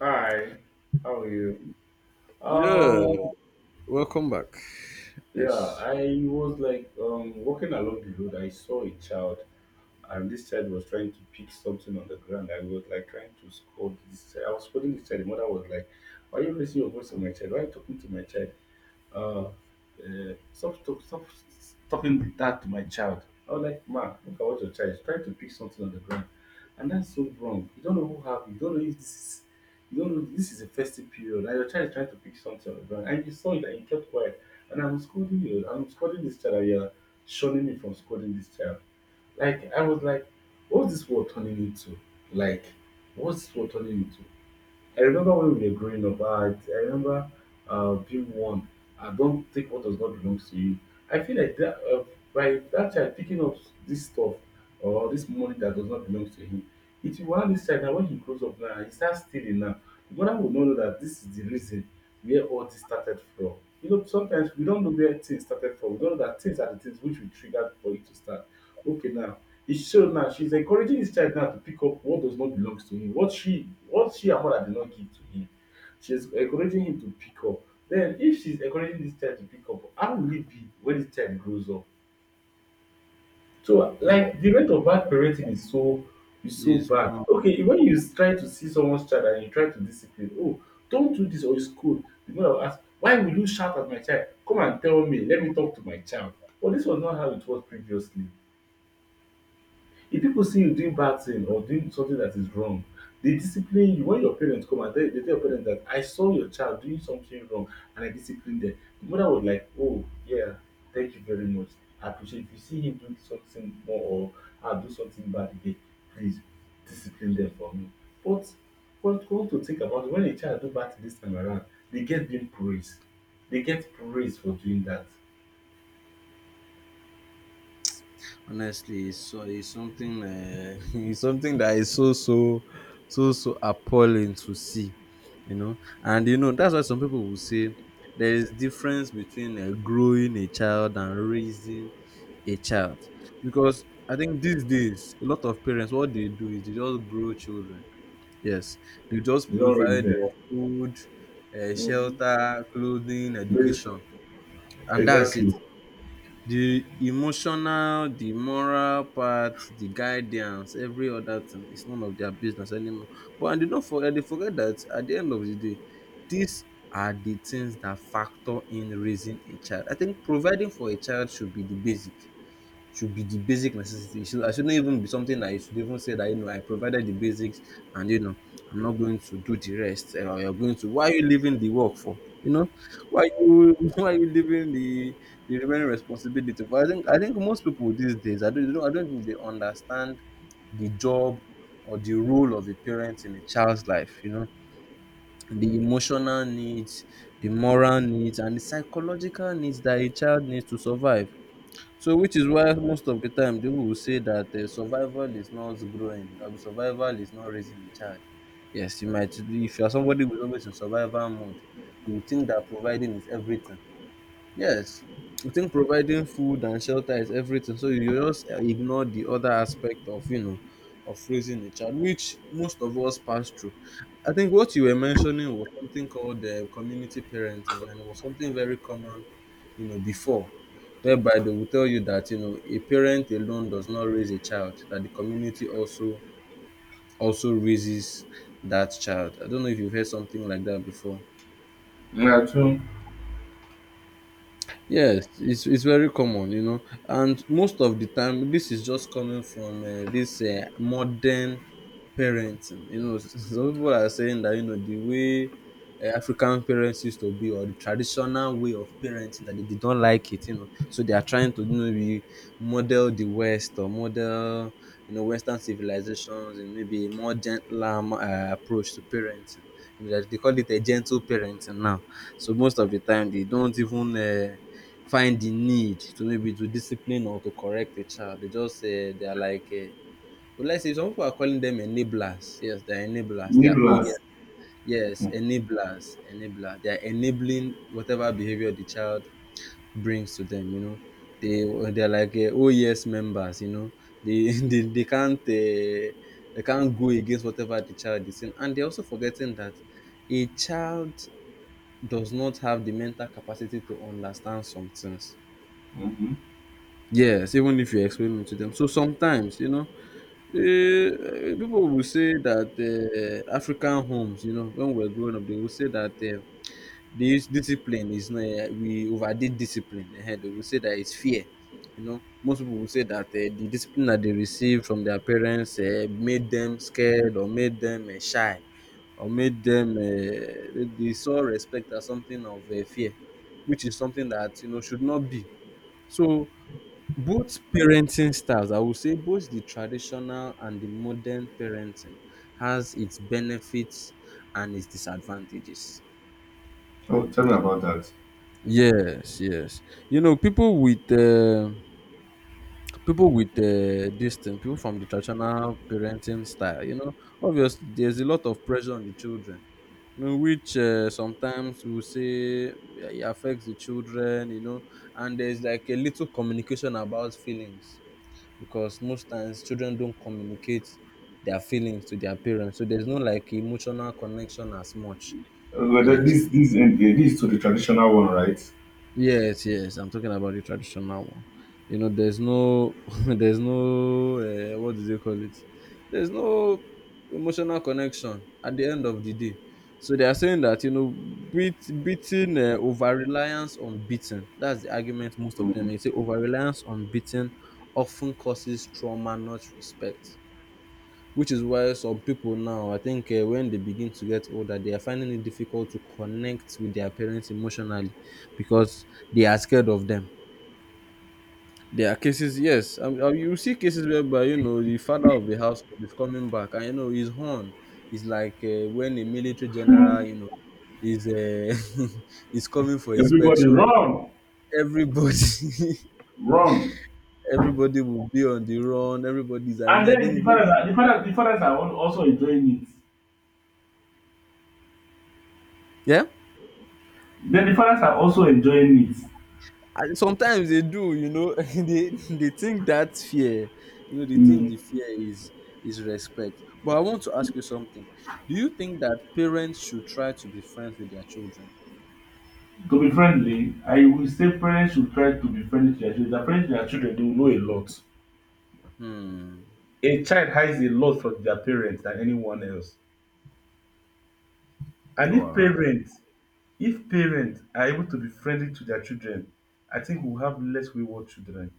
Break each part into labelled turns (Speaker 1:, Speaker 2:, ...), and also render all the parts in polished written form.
Speaker 1: Hi, how are you?
Speaker 2: Yeah,
Speaker 1: Um,
Speaker 2: welcome back.
Speaker 1: yeah,
Speaker 2: Yes.
Speaker 1: I was like walking along the road. I saw a child, and this child was trying to pick something on the ground. I was like trying to scold this child. I was scolding this child. The mother was like, "Why are you raising your voice on my child? Why are you talking to my child?" اه stop, talk, stop talking that to my child. I was like, ma, look at what your child is trying to pick something on the ground. And that's so wrong. You don't know if this is you don't know this is a festive period and your child is trying to pick something on the ground and you saw it and you kept quiet. And I'm scolding this child and you're shunning me from scolding this child. I was like, what's this world turning into? Like, what's this world turning into? I remember when we were growing up, I remember being one. I don't take what does not belong to you. I feel like that by that child picking up this stuff or this money that does not belong to him, it will one this child now when he grows up now, he starts stealing now. The mother will not know that this is the reason where all this started from. You know, sometimes we don't know where things started from. We don't know that things are the things which we triggered for it to start. Okay, now it's so now she's encouraging this child now to pick up what does not belong to him, what she her mother did not give to him. She's encouraging him to pick up. Then if she's encouraging this child to pick up, how will it be when this child grows up? So
Speaker 2: Hmm.
Speaker 1: like the rate of bad parenting is so
Speaker 2: it's
Speaker 1: bad.
Speaker 2: more
Speaker 1: Okay, when you try to see someone's child and you try to discipline, oh, don't do this or it's cool. The mother will ask, why will you shout at my child? Come and tell me, let me talk to my child. Well, this was not how it was previously. If people see you doing bad thing or doing something that is wrong, they discipline you. When your parents come, and they you tell your parents that I saw your child doing something wrong and I disciplined them. The mother was like, oh yeah, thank you very much, I appreciate it. If you see him doing something more or her do something bad again, please discipline them for me. But what come to think about, when a child do bad thing dis time around, they get being praised. They get praised for doing that.
Speaker 2: honestly, it's something, it's something that is so appalling to see. And you know that's why some people will say there is difference between growing a child and raising a child, because I think these days a lot of parents what they do is they just grow children. Yes, they just
Speaker 1: You do don
Speaker 2: provide
Speaker 1: raise
Speaker 2: food,
Speaker 1: dem.
Speaker 2: shelter, clothing, education, and that's it.
Speaker 1: Exactly.
Speaker 2: The emotional, the moral part, the guidance, every other thing is none of their business anymore. But and they don't forget they forget that at the end of the day, these are the things that factor in raising a child. I think providing for a child should be the basic, should be the basic necessity. It should, I shouldn't even be something that you should even say that you know I provided the basics and you know I'm not going to do the rest. You're going to, why are you leaving the work for? You know, why you why are you leaving the remaining responsibility? But I think most people these days I don't, you know, I don't think they understand the job or the role of a parent in a child's life. You know, the emotional needs, the moral needs, and the psychological needs that a child needs to survive. So, which is why most of the time people will say that survival is not growing, or survival is not raising a child. Yes, you might, if you are somebody who is always in survival mode, you will think that providing is everything. Yes, we think providing food and shelter is everything, so you just ignore the other aspect of of raising a child, which most of us pass through. I think what you were mentioning was something called community parenting, and it was something very common, you know, before, whereby they will tell you that you know a parent alone does not raise a child, that the community also also raises that child. I don't know if you've heard something like that before.
Speaker 1: Yeah, true.
Speaker 2: Yes, it's very common, you know, and most of the time this is just coming from this modern parenting. You know, some people are saying that you know the way African parents used to be, or the traditional way of parenting that they don't like it. You know, so they are trying to you know be model the West or model you know Western civilizations, and maybe a more gentler approach to parenting. You know, they call it a gentle parenting now. So most of the time they don't even. Find the need to maybe to discipline or to correct a child. They just they are like, uh, well, let's say some people are calling them enablers. Yes, they are enablers. They are, oh yeah,
Speaker 1: Nibblers.
Speaker 2: yes, enablers, enablers. They are enabling whatever behavior the child brings to them. You know, they are like oh yes members. You know, they they can't they can't go against whatever the child is saying, and they're also forgetting that a child does not have the mental capacity to understand some things.
Speaker 1: Mm-hmm.
Speaker 2: Yes, even if you explain it to them. So sometimes, you know, people will say that African homes, you know, when we're growing up, they will say that this discipline is not, we overdid discipline. They will say that it's fear. You know, most people will say that the discipline that they received from their parents made them scared or made them shy or made them, they saw respect as something of fear, which is something that, you know, should not be so. Both parenting styles, I would say both the traditional and the modern parenting, has its benefits and its disadvantages.
Speaker 1: Oh, tell me about that.
Speaker 2: Yes, yes. You know, people with people from the traditional parenting style. You know, obviously there's a lot of pressure on the children. You know, which sometimes we will say yeah, it affects the children. You know, and there's like a little communication about feelings, because most times children don't communicate their feelings to their parents, so there's no like emotional connection as much.
Speaker 1: But then
Speaker 2: Yes,
Speaker 1: this is to the traditional one, right?
Speaker 2: yes, yes. I'm talking about the traditional one. You know, there's no, there's no, what do they call it? There's no emotional connection at the end of the day. So they are saying that you know, beating, over reliance on beating. That's the argument most of them make. Say over reliance on beating often causes trauma, not respect, which is why some people, now I think when they begin to get older they are finding it difficult to connect with their parents emotionally, because they are scared of them. There are cases, yes, you see cases whereby, you know, the father of the house is coming back, and you know his horn is like, when a military general, you know, is is coming for
Speaker 1: Everybody
Speaker 2: inspection.
Speaker 1: run,
Speaker 2: Everybody
Speaker 1: run,
Speaker 2: everybody will be on the run, everybody's arranged.
Speaker 1: and
Speaker 2: I
Speaker 1: then
Speaker 2: think
Speaker 1: the
Speaker 2: both,
Speaker 1: fathers are the fathers the fathers are al- also enjoying it.
Speaker 2: yeah.
Speaker 1: Then the fathers are also enjoying it.
Speaker 2: And sometimes they do, you know, they think that fear, you know, they think
Speaker 1: Mm.
Speaker 2: the fear is respect. But I want to ask you something. Do you think that parents should try to be friends with their children?
Speaker 1: To be friendly, I will say parents should try to be friendly to their children. Their friends to their children, they will know a lot.
Speaker 2: Hmm.
Speaker 1: A child hides a lot from their parents than anyone else. And
Speaker 2: Oh,
Speaker 1: if
Speaker 2: I,
Speaker 1: parents If parents are able to be friendly to their children, I think we'll have less wayward children.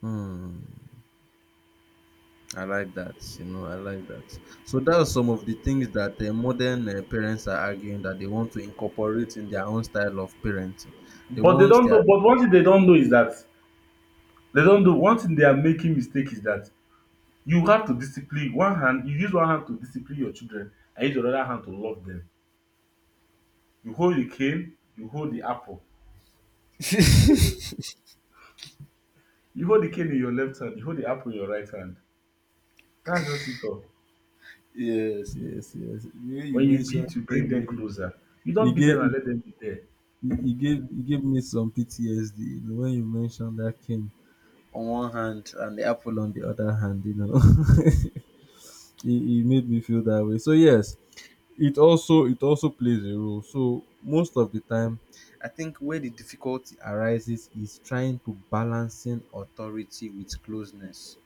Speaker 2: hmm. I like that. You know, I like that. So that's some of the things that modern parents are arguing that they want to incorporate in their own style of parenting. They
Speaker 1: But they
Speaker 2: want
Speaker 1: don't
Speaker 2: their
Speaker 1: know. But one thing they don't know is that they don't know. One thing they are making mistake is that you have to discipline one hand. You use one hand to discipline your children, and use your other hand to love them. You hold the cane, you hold the apple. You hold the cane in your left hand. You hold the apple in your right hand. That's just it. All.
Speaker 2: yes, yes, yes. You
Speaker 1: When you
Speaker 2: mentioned
Speaker 1: beat, you bring them
Speaker 2: gaming.
Speaker 1: closer. You don't beat them and let them be there.
Speaker 2: You gave me some PTSD, you know, when you mentioned that cane on one hand and the apple on the other hand, you know. it, it made me feel that way. So yes, it also plays a role. So most of the time, I think where the difficulty arises is trying to balancing authority with closeness,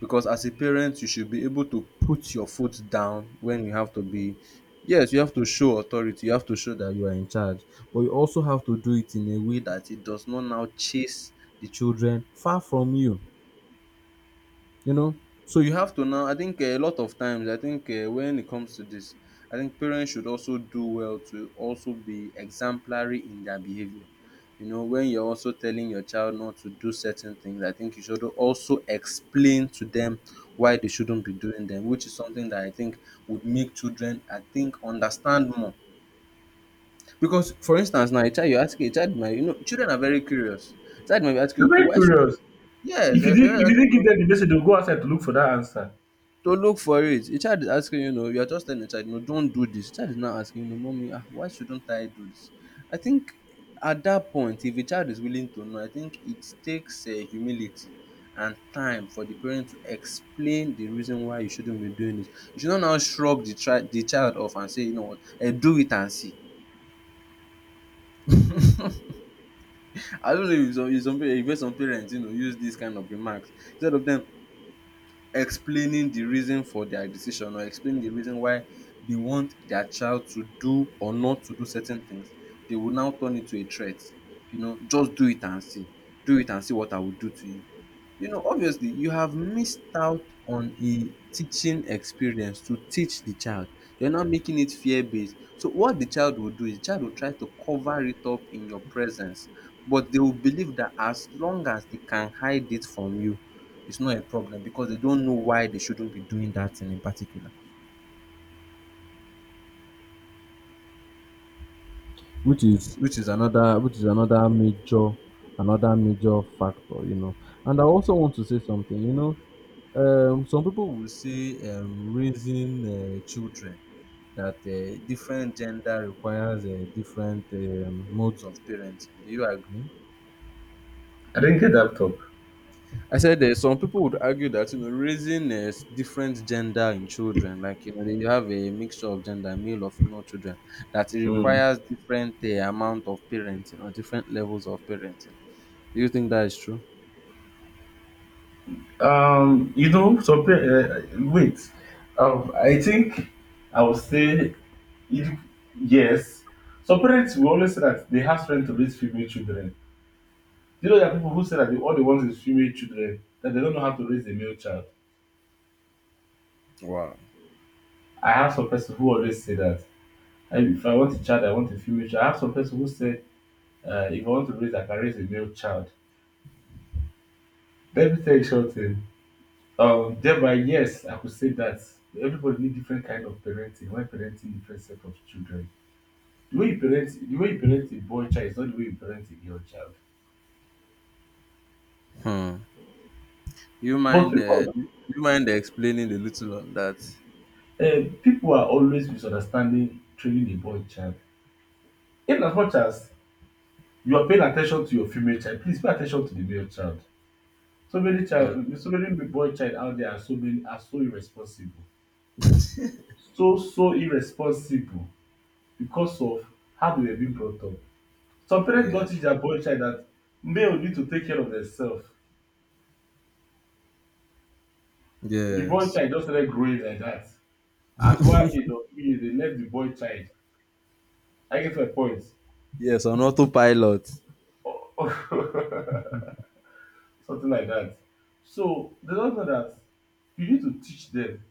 Speaker 2: because as a parent you should be able to put your foot down when you have to be. Yes, you have to show authority, you have to show that you are in charge, but you also have to do it in a way that it does not now chase the children far from you, you know. So you have to now, I think a lot of times I think when it comes to this, I think parents should also do well to also be exemplary in their behavior. You know, when you're also telling your child not to do certain things, I think you should also explain to them why they shouldn't be doing them, which is something that I think would make children, I think, understand more. Because for instance now a child might, you know, children are very curious, child might be asking,
Speaker 1: You're
Speaker 2: okay,
Speaker 1: very
Speaker 2: why should,
Speaker 1: curious.
Speaker 2: yes
Speaker 1: If you didn't
Speaker 2: uh,
Speaker 1: give them the message, they'll go outside to look for that answer.
Speaker 2: to look for it, a child is asking, you know, you are just telling the child, you know, don't do this, the child is now asking, you know, mommy, ah, why shouldn't I do this? I think at that point, if a child is willing to know, I think it takes humility and time for the parent to explain the reason why you shouldn't be doing it. You should not now shrug the child off and say, you know what, eh, do it and see. I don't know if some, if some parents, you know, use this kind of remarks, instead of them explaining the reason for their decision or explaining the reason why they want their child to do or not to do certain things, they will now turn it to a threat. You know, just do it and see. Do it and see what I will do to you. You know, obviously, you have missed out on a teaching experience to teach the child. You're not making it fear based. So, what the child will do is the child will try to cover it up in your presence, but they will believe that as long as they can hide it from you, it's not a problem because they don't know why they shouldn't be doing that thing in particular. Which is another major factor, you know. And I also want to say something, you know. Some people will say raising children that different gender requires different modes of parenting. Do you agree?
Speaker 1: I didn't get that.
Speaker 2: I said some people would argue that you know raising different gender in children, like you know they have a mixture of gender, male or female children, that it
Speaker 1: Mm.
Speaker 2: requires different amount of parenting or different levels of parenting. Do you think that is true?
Speaker 1: Um, you know, so uh, wait. I think I would say it, yes. Some parents will always say that they have strength to raise female children. You know, there are people who say that all they want is female children, that they don't know how to raise a male child.
Speaker 2: Wow.
Speaker 1: I have some person who always say that. If I want a child, I want a female child. I have some person who say, if I want to raise, I can raise a male child. Let me tell you something. Thereby, yes, I could say that everybody need different kind of parenting when parenting different set of children. The way you parent a boy child is not the way you parent a girl child.
Speaker 2: Hmm. You
Speaker 1: But
Speaker 2: mind? Uh,
Speaker 1: people,
Speaker 2: do you mind explaining a little on that?
Speaker 1: people are always misunderstanding training a boy child. In as much as you are paying attention to your female child, please pay attention to the male child.
Speaker 2: Hmm.
Speaker 1: So many boy child out there are so many are so irresponsible, so irresponsible because of how they were being brought up. Some parents don't
Speaker 2: Yes.
Speaker 1: teach their boy child that male need to take care of themselves. The boy
Speaker 2: Yes.
Speaker 1: child just started growing like that. At one age or 2 years, they left the boy child. I get my point.
Speaker 2: Yes, on autopilot.
Speaker 1: Something like that. So they don't know that you need to teach them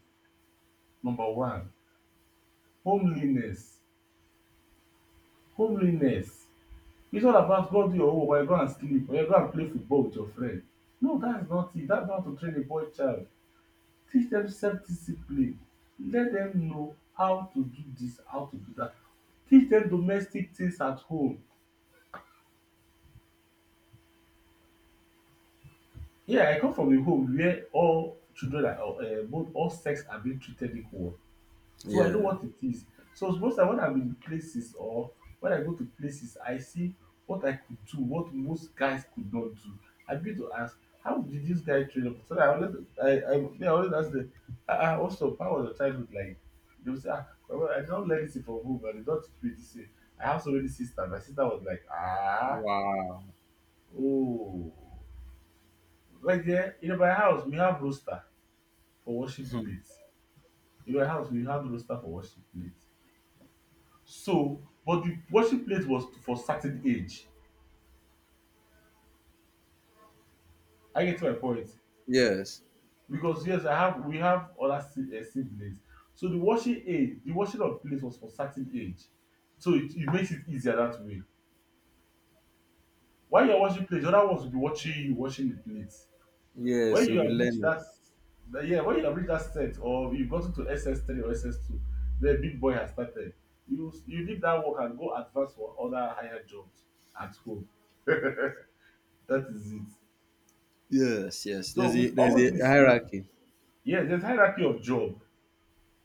Speaker 1: number one, homeliness. Homeliness. It's not about go do your homework or you go and sleep or you go and play football with your friend. No, that's not it. That's not how to train a boy child. Teach them self-discipline, let them know how to do this, how to do that. Teach them domestic things at home. Yeah, I come from a home where all children are both all sex are being treated equal. So I know
Speaker 2: Yeah.
Speaker 1: what it is. So most time when I'm in places or when I go to places, I see what I could do, what most guys could not do. I begin to ask, how did this guy train up? So that I always, I always ask them, ah, ah, what's up? How was your childhood like? They will say, ah, my mother- I do not learn it from home, and they don't teach me this thing. I have so many sisters. My sister was like, ah,
Speaker 2: Wow.
Speaker 1: oh. Like, yeah, in my house, we have roaster for washing plates. In my house, we have roaster for washing plates So, but the worship place was for certain age. I get getting my point?
Speaker 2: Yes.
Speaker 1: Because yes, I have we have other siblings. So the washing of place was for certain age. So it makes it easier that way. While you're washing plates, the other ones will be watching you watching the plates.
Speaker 2: Yes,
Speaker 1: When
Speaker 2: we'll
Speaker 1: you
Speaker 2: be
Speaker 1: have reached
Speaker 2: learning.
Speaker 1: that, yeah, when you have reached that set or you've gotten to SS3 or SS2, the big boy has started. You leave that work and go advance for other higher jobs at school. That is it.
Speaker 2: Yes, yes.
Speaker 1: So
Speaker 2: There's a
Speaker 1: with
Speaker 2: there's
Speaker 1: all
Speaker 2: a
Speaker 1: this,
Speaker 2: hierarchy.
Speaker 1: yes, there's hierarchy of job.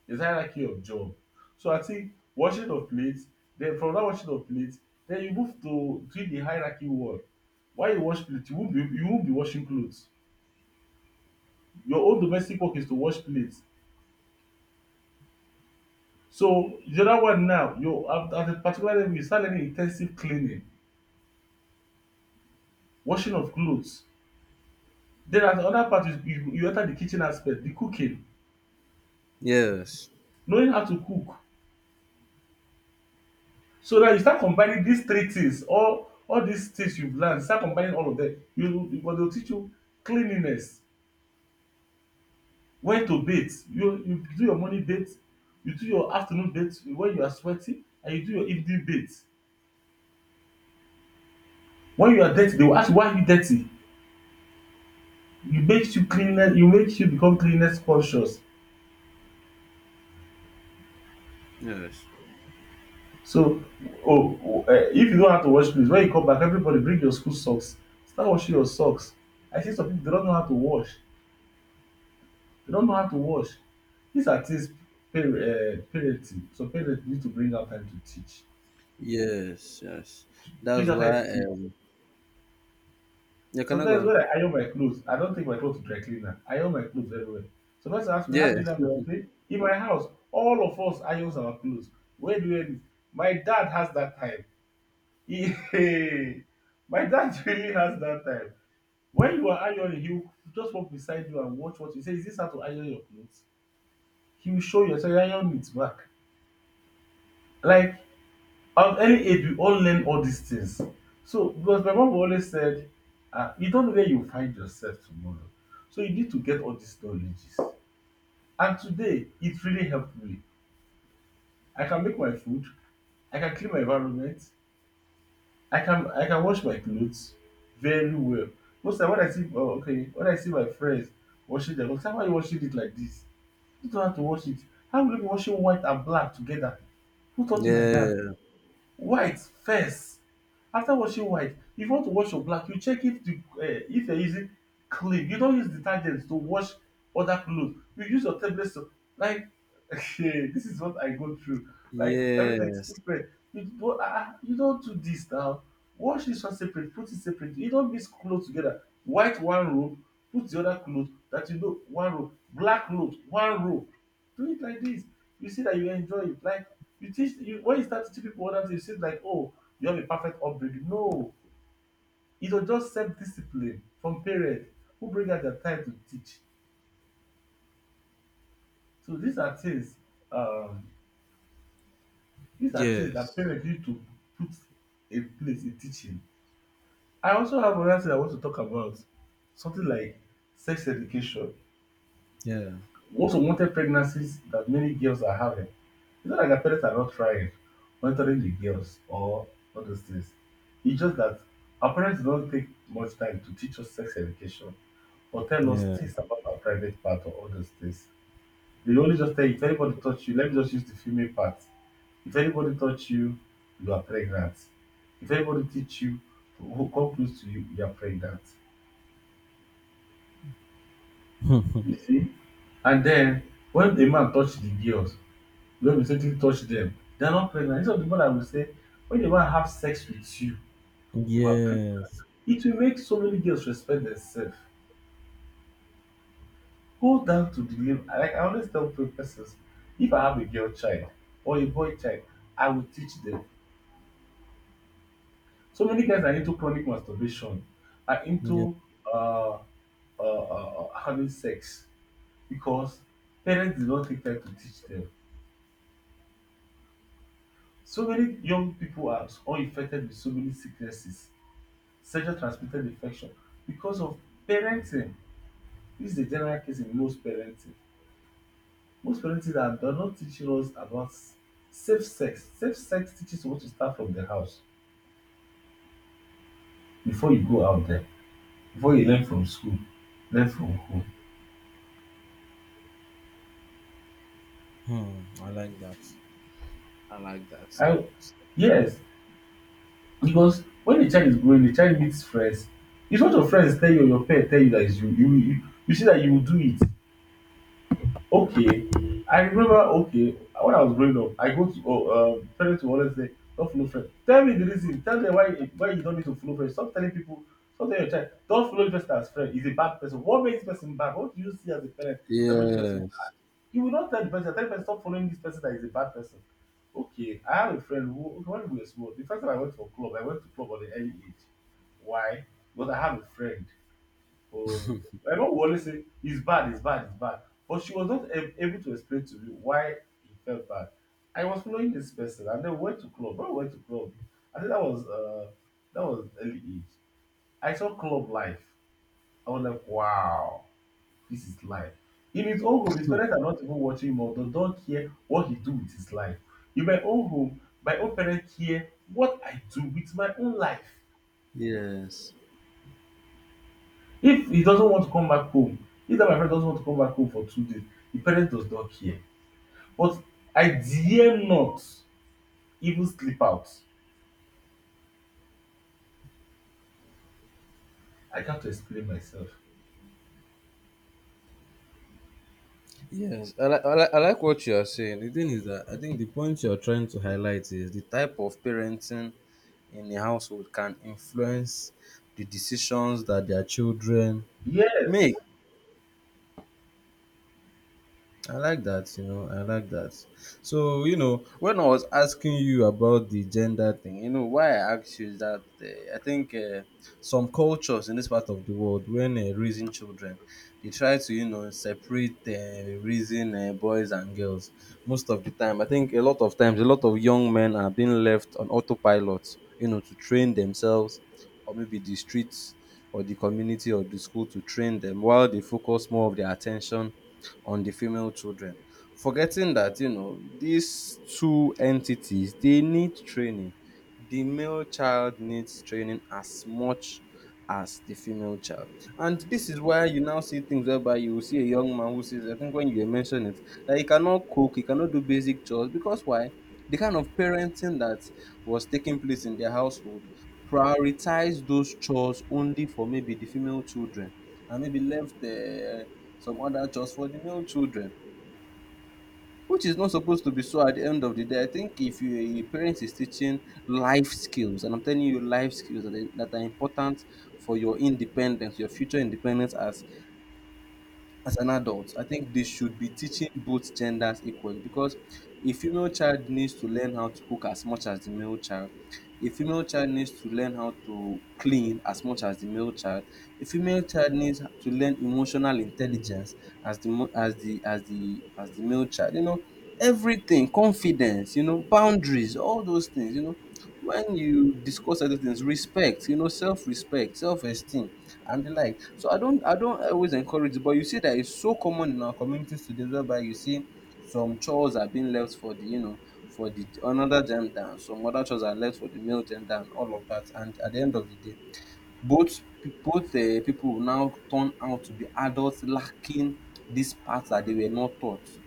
Speaker 1: There's hierarchy of job. So I think washing of plates, then from that washing of plates, then you move to doing the hierarchy work. Why you wash plates? You won't be washing clothes. Your own domestic work is to wash plates. So the other one now, at a particular level, you start learning intensive cleaning, washing of clothes. Then at the other part, you enter the kitchen aspect, the cooking,
Speaker 2: Yes.
Speaker 1: knowing how to cook. So now you start combining these three things, all these things you've learned, start combining all of them. You but they'll teach you cleanliness, when to bathe. You do your morning bathe, you do your afternoon bathe when you are sweaty, and you do your evening bathe. When you are dirty, they will ask you why are you dirty? You make you become cleanliness conscious.
Speaker 2: Yes.
Speaker 1: So oh, if you don't have to wash clothes, when you come back, everybody bring your school socks. Start washing your socks. I see some people they don't know how to wash. They don't know how to wash. These are things parenting. Some parents need to bring out time to teach.
Speaker 2: Yes. Yes.
Speaker 1: Bring
Speaker 2: That's
Speaker 1: out time
Speaker 2: why
Speaker 1: to teach.
Speaker 2: you cannot go
Speaker 1: Sometimes
Speaker 2: on.
Speaker 1: when I iron my clothes, I don't take my clothes to dry cleaner. I iron my clothes everywhere. So let's ask me, how do you
Speaker 2: Yes.
Speaker 1: learn to play? In my house, all of us irons our clothes. Where do you learn it? My dad has that time. He- my dad really has that time. When you are ironing, he will just walk beside you and watch what you say. Is this how to iron your clothes? He will show you, so you iron it back. Like at any age, we all learn all these things. So, because my mom always said, you don't know where you find yourself tomorrow. So, you need to get all these knowledges. And today, it really helped me. I can make my food, I can clean my environment, I can wash my clothes very well. Most time when I see oh, okay, when I see my friends washing their clothes, "Ah, why are you washing it like this? You don't have to wash it. How will you be washing white and black together? Who taught you like that?
Speaker 2: Yeah.
Speaker 1: White first. After washing white, if you want to wash your black, you check if the if you are using clean. You don't use detergent to wash other clothes. You use your tablet soap. Like okay, this is what I go through. Like everything is
Speaker 2: Yes.
Speaker 1: separate. Different. You don do this now. Wash this one separate, put it separate. You don't mix clothes together. White one rope, put the other cloth that you know one rope. Black cloth one rope. Do it like this. You see that you enjoy it. Like you teach you when you start teaching people other things, it seems like oh you have a perfect upbringing. No, it was just self discipline from parents who bring out their time to teach. So um these are things that
Speaker 2: Yes.
Speaker 1: parents need to put in place in teaching. I also have another thing I want to talk about, something like sex education.
Speaker 2: Yeah.
Speaker 1: We also wanted pregnancies that many girls are having. It's not like our parents are not trying, monitoring the girls or all those things. It's just that our parents don't take much time to teach us sex education or tell us
Speaker 2: Yeah.
Speaker 1: things about our private part or all those things. They only just tell you if anybody touch you, let me just use the female part. If anybody touch you, you are pregnant. If anybody teach you who come close to you, you are pregnant. You see? And then when the man touch the girls, when we say touch them, they are not pregnant. These are the people that will say when the man have sex with you, you are pre-
Speaker 2: Yes.
Speaker 1: it will make so many girls respect themselves, go down to the level like I always tell persons, if I have a girl child or a boy child, I will teach them. So many guys are into chronic masturbation, are
Speaker 2: Yeah.
Speaker 1: into uh, having sex because parents did not take time to teach them. So many young people are all infected with so many sicknesses, sexual transmitted infection, because of parenting. This is a general case in most parenting. Most parenting are does not teaching us about safe sex. Safe sex teaches you what to start from the house, before you go out there, before you learn from school, learn from home.
Speaker 2: Hmm. I like that. I like that a
Speaker 1: I,
Speaker 2: lot.
Speaker 1: yes, because when the child is growing, the child meets friends. If not your friends tell you or your parents tell you that it's you, you, you, you see that you will do it. Okay, I remember. Okay, when I was growing up, I go to oh, parents will always say, "Don't follow friend." Tell me the reason. Tell them why you don't need to follow friend. Stop telling people. Stop telling your child. Don't follow the person as friend. He's a bad person. What makes this person bad? What do you see as a parent that makes this person?
Speaker 2: Yes.
Speaker 1: Bad? You will not tell the person. Tell the person stop following this person that is a bad person. Okay, I have a friend who okay, when we were small. The first time I went to a club, I went to club at an early age. Why? Because I have a friend. Oh, my mom will always say it's bad, it's bad, it's bad. But she was not able to explain to me why he felt bad. I was following this person, and then we went to club. When we went to club, I think that was early age. I saw club life. I was like, wow, this is life. In his own home, his parents are not even watching him or they don't care what he do with his life. In my own home, my own parents care what I do with my own life.
Speaker 2: Yes.
Speaker 1: If he doesn't want to come back home, if that my friend doesn't want to come back home for 2 days, the parent does not care. But I dare not even sleep out. I can't explain myself.
Speaker 2: I like what you are saying. The thing is that I think the point you are trying to highlight is the type of parenting in a household can influence the decisions that their children make.
Speaker 1: Yes.
Speaker 2: I like that, you know, I like that. So, you know, when I was asking you about the gender thing, you know, why I asked you is that I think some cultures in this part of the world, when raising children, they try to, you know, separate raising boys and girls most of the time. I think a lot of times, a lot of young men are being left on autopilot, you know, to train themselves or maybe the streets or the community or the school to train them while they focus more of their attention on the female children. Forgetting that, you know, these two entities, they need training. The male child needs training as much as the female child. And this is why you now see things whereby you will see a young man who says, I think when you mentioned it, that he cannot cook, he cannot do basic chores because why? The kind of parenting that was taking place in their household prioritized those chores only for maybe the female children and maybe left some other chores for the male children, which is not supposed to be so at the end of the day. I think if you, your parents is teaching life skills, and I'm telling you life skills that that are important for your independence, your future independence as an adult, I think they should be teaching both genders equally because a female child needs to learn how to cook as much as the male child. A female child needs to learn how to clean as much as the male child. A female child needs to learn emotional intelligence as the mo- as the as the as the male child. You know, everything, confidence, you know, boundaries, all those things, you know. When you discuss other things, respect, you know, self-respect, self-esteem and the like. So I don't always encourage it, but you see that it's so common in our communities today whereby you see some chores are being left for the, you know, for the another gender and some other chores are left for the male gender and all of that. And at the end of the day, both people will now turn out to be adults lacking these parts that they were not taught.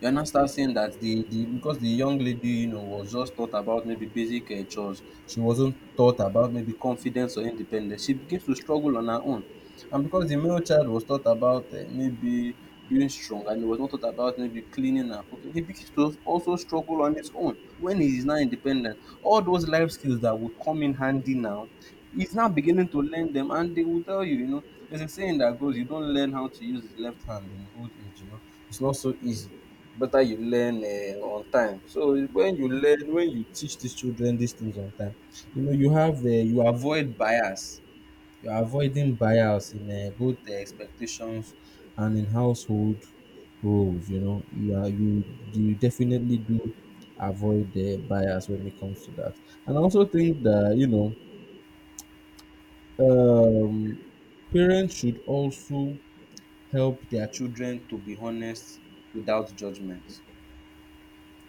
Speaker 2: You now start saying that the because the young lady, you know, was just taught about maybe basic chores. She wasn't taught about maybe confidence or independence. She begins to struggle on her own. And because the male child was taught about maybe being strong and he was not taught about maybe cleaning and cooking, he begins to also struggle on his own when he is now independent. All those life skills that would come in handy now, he's now beginning to learn them and they will tell you, you know, there's a saying that goes, you don't learn how to use the left hand in old age, you know. It's not so easy, better you learn on time. So when you learn, when you teach these children these things on time, you know you have you avoid bias. You are avoiding bias in both the expectations and in household roles. You know you are you definitely do avoid the bias when it comes to that. And I also think that, you know, um, parents should also help their children to be honest without judgment.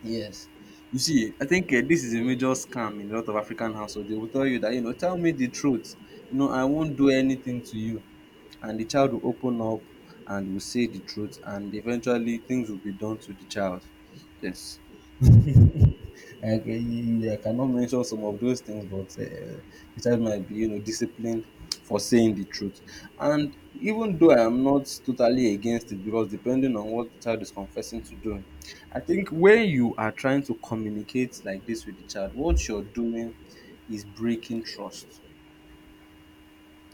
Speaker 2: Yes. You see, I think this is a major scam in a lot of African households. They will tell you that, you know, tell me the truth. You know, I won't do anything to you and the child will open up and will say the truth and eventually things will be done to the child. Yes. I cannot mention some of those things, but the child might be, you know, disciplined for saying the truth. And even though I am not totally against it, because depending on what the child is confessing to doing, I think when you are trying to communicate like this with the child, what you're doing is breaking trust.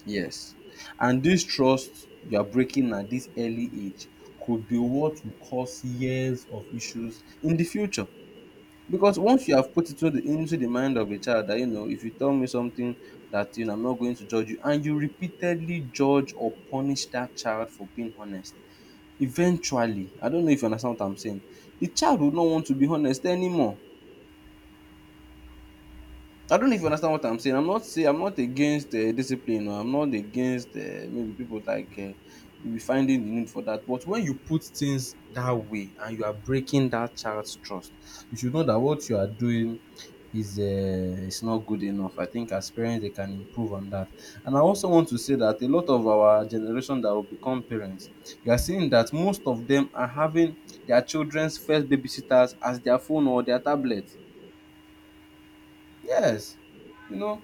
Speaker 2: Yes, and this trust you are breaking at this early age could be what will cause years of issues in the future. Because once you have put it into the mind of a child that, you know, if you tell me something that, you know, I'm not going to judge you and you repeatedly judge or punish that child for being honest, eventually, I don't know if you understand what I'm saying, the child would not want to be honest anymore. I don't know if you understand what I'm saying. I'm not against discipline or I'm not against maybe people like maybe finding the need for that. But when you put things that way and you are breaking that child's trust, you should know that what you are doing is not good enough. I think as parents they can improve on that. And I also want to say that a lot of our generation that will become parents, you are seeing that most of them are having their children's first babysitters as their phone or their tablet. Yes. You know.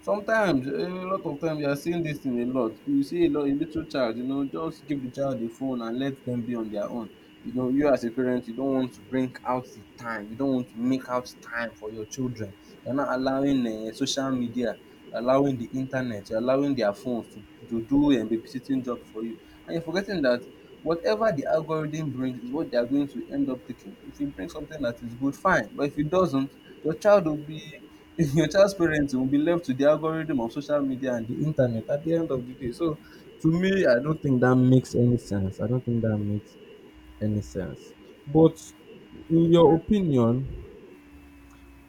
Speaker 2: Sometimes, eh, a lot of times, we are seeing dis thing a lot. You see a little child, you know, just give the child a phone and let them be on their own. You know, you as a parent, you don't want to bring out the time. You don't want to make out time for your children. You're not allowing social media, allowing the internet, you're allowing their phones to do babysitting job for you. And you're forgetting that whatever the algorithm brings is what they are going to end up taking. If you bring something that is good, fine. But if it doesn't, your child will be your child's parenting will be left to the algorithm of social media and the internet at the end of the day. So, to me, I don't think that makes any sense. I don't think that makes any sense. But, in your opinion,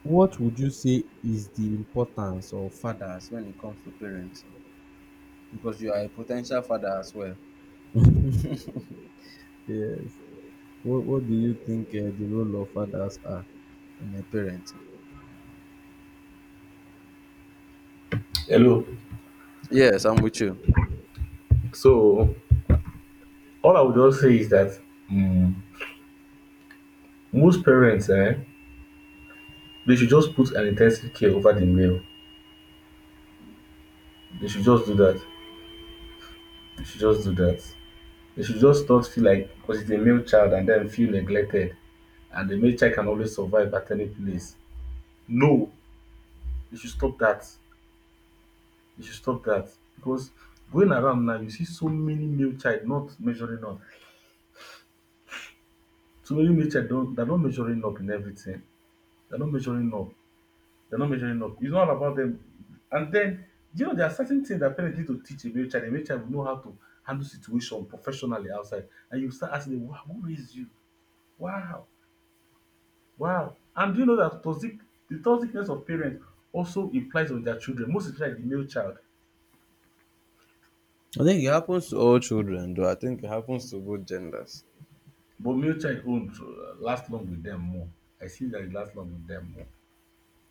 Speaker 2: what would you say is the importance of fathers when it comes to parenting? Because you are a potential father as well. Yes. What do you think the role of fathers are in a parenting?
Speaker 1: Hello.
Speaker 2: Yes, I'm with you.
Speaker 1: So all I would just say is that mm, most parents, they should just put an intensive care over the male. They should just do that. They should just do that. They should just not feel like because it's a male child and then feel neglected and the male child can always survive at any place. No, they should stop that. You should stop that because going around now, you see so many male child not measuring up. So many male child don't they're not measuring up in everything. They're not measuring up. They're not measuring up. It's not about them. And then you know there are certain things that parents need to teach a male child. A male child will know how to handle situation professionally outside. And you start asking them, wow, who raised you? Wow, wow. And do you know that toxic the toxicness of parents also implies on their children, most especially the male child.
Speaker 2: I think it happens to all children, though. I think it happens to both genders.
Speaker 1: But Muchai own last long with them more. I see that it lasts long with them more.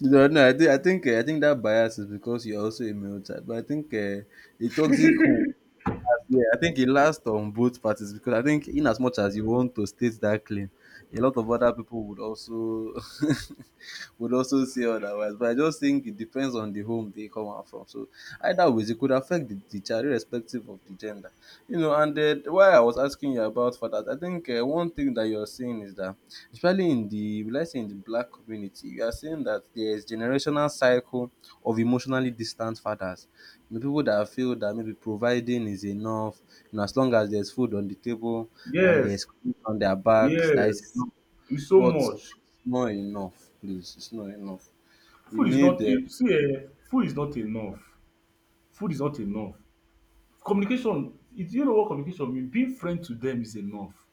Speaker 2: No, no, I think I think that bias is because you're also a male type. But I think a toxic who yeah, I think it lasts on both parties because I think, in as much as you want to state that claim, a lot of other people would also would also say otherwise. But I just think it depends on the home they come out from. So either ways, it could affect the child irrespective of the gender. You know, and why I was asking you about fathers, I think one thing that you're seeing is that, especially in the, let's say in the black community, you are seeing that there is generational cycle of emotionally distant fathers, the people that feel that maybe providing is enough, you know, as long as there's food on the table and there's
Speaker 1: Yes,
Speaker 2: clothes on their backs, that is
Speaker 1: yes.
Speaker 2: enough.
Speaker 1: It's so
Speaker 2: But it's
Speaker 1: much.
Speaker 2: not enough, please. It's not enough. You
Speaker 1: Food is
Speaker 2: need
Speaker 1: not
Speaker 2: the
Speaker 1: a, see, food is not enough. Food is not enough. Communication, it, you know what communication means? Being friend to them is enough.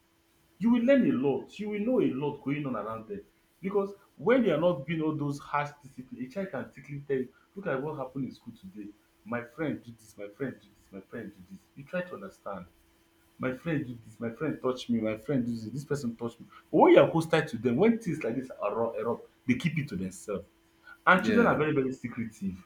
Speaker 1: You will learn a lot. You will know a lot going on around them. Because when they are not being all those harsh discipline, a child can quickly tell you, look at what happened in school today. My friend do this, my friend do this, my friend do this. You try to understand. My friend do this, my friend touch me, my friend do this, this person touch me. But when you are hostile to them, when things like this are erupt, they keep it to themselves. And children are
Speaker 2: yeah,
Speaker 1: very, very secretive.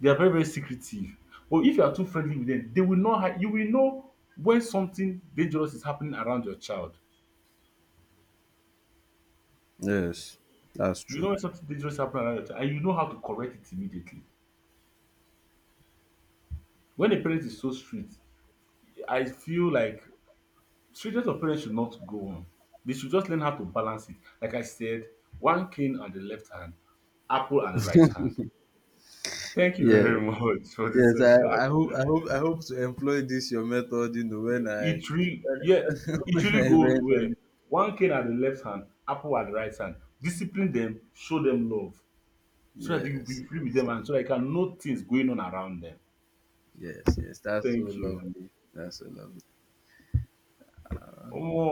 Speaker 1: They are very, very secretive. But if you are too friendly with them, they will not. You will know when something dangerous is happening around your child.
Speaker 2: yes, that's
Speaker 1: You
Speaker 2: true.
Speaker 1: know when something dangerous is happening around your child, and you know how to correct it immediately. When a parent is so strict, I feel like strictness of parents should not go on. They should just learn how to balance it. Like I said, one cane on the left hand, apple and the right hand. Thank you
Speaker 2: Yeah,
Speaker 1: very much for this
Speaker 2: yes.
Speaker 1: session.
Speaker 2: I hope to employ this your method. You know, when I
Speaker 1: It really,
Speaker 2: when,
Speaker 1: yeah, it
Speaker 2: when
Speaker 1: really
Speaker 2: I
Speaker 1: goes well.
Speaker 2: eventually
Speaker 1: One cane at the left hand, apple at the right hand. Discipline them, show them love, so that you
Speaker 2: yes,
Speaker 1: be free with
Speaker 2: yes,
Speaker 1: them and so that you can know things going on around them.
Speaker 2: yes, yes. That's so
Speaker 1: Thank you.
Speaker 2: lovely. That's so lovely.
Speaker 1: Omo,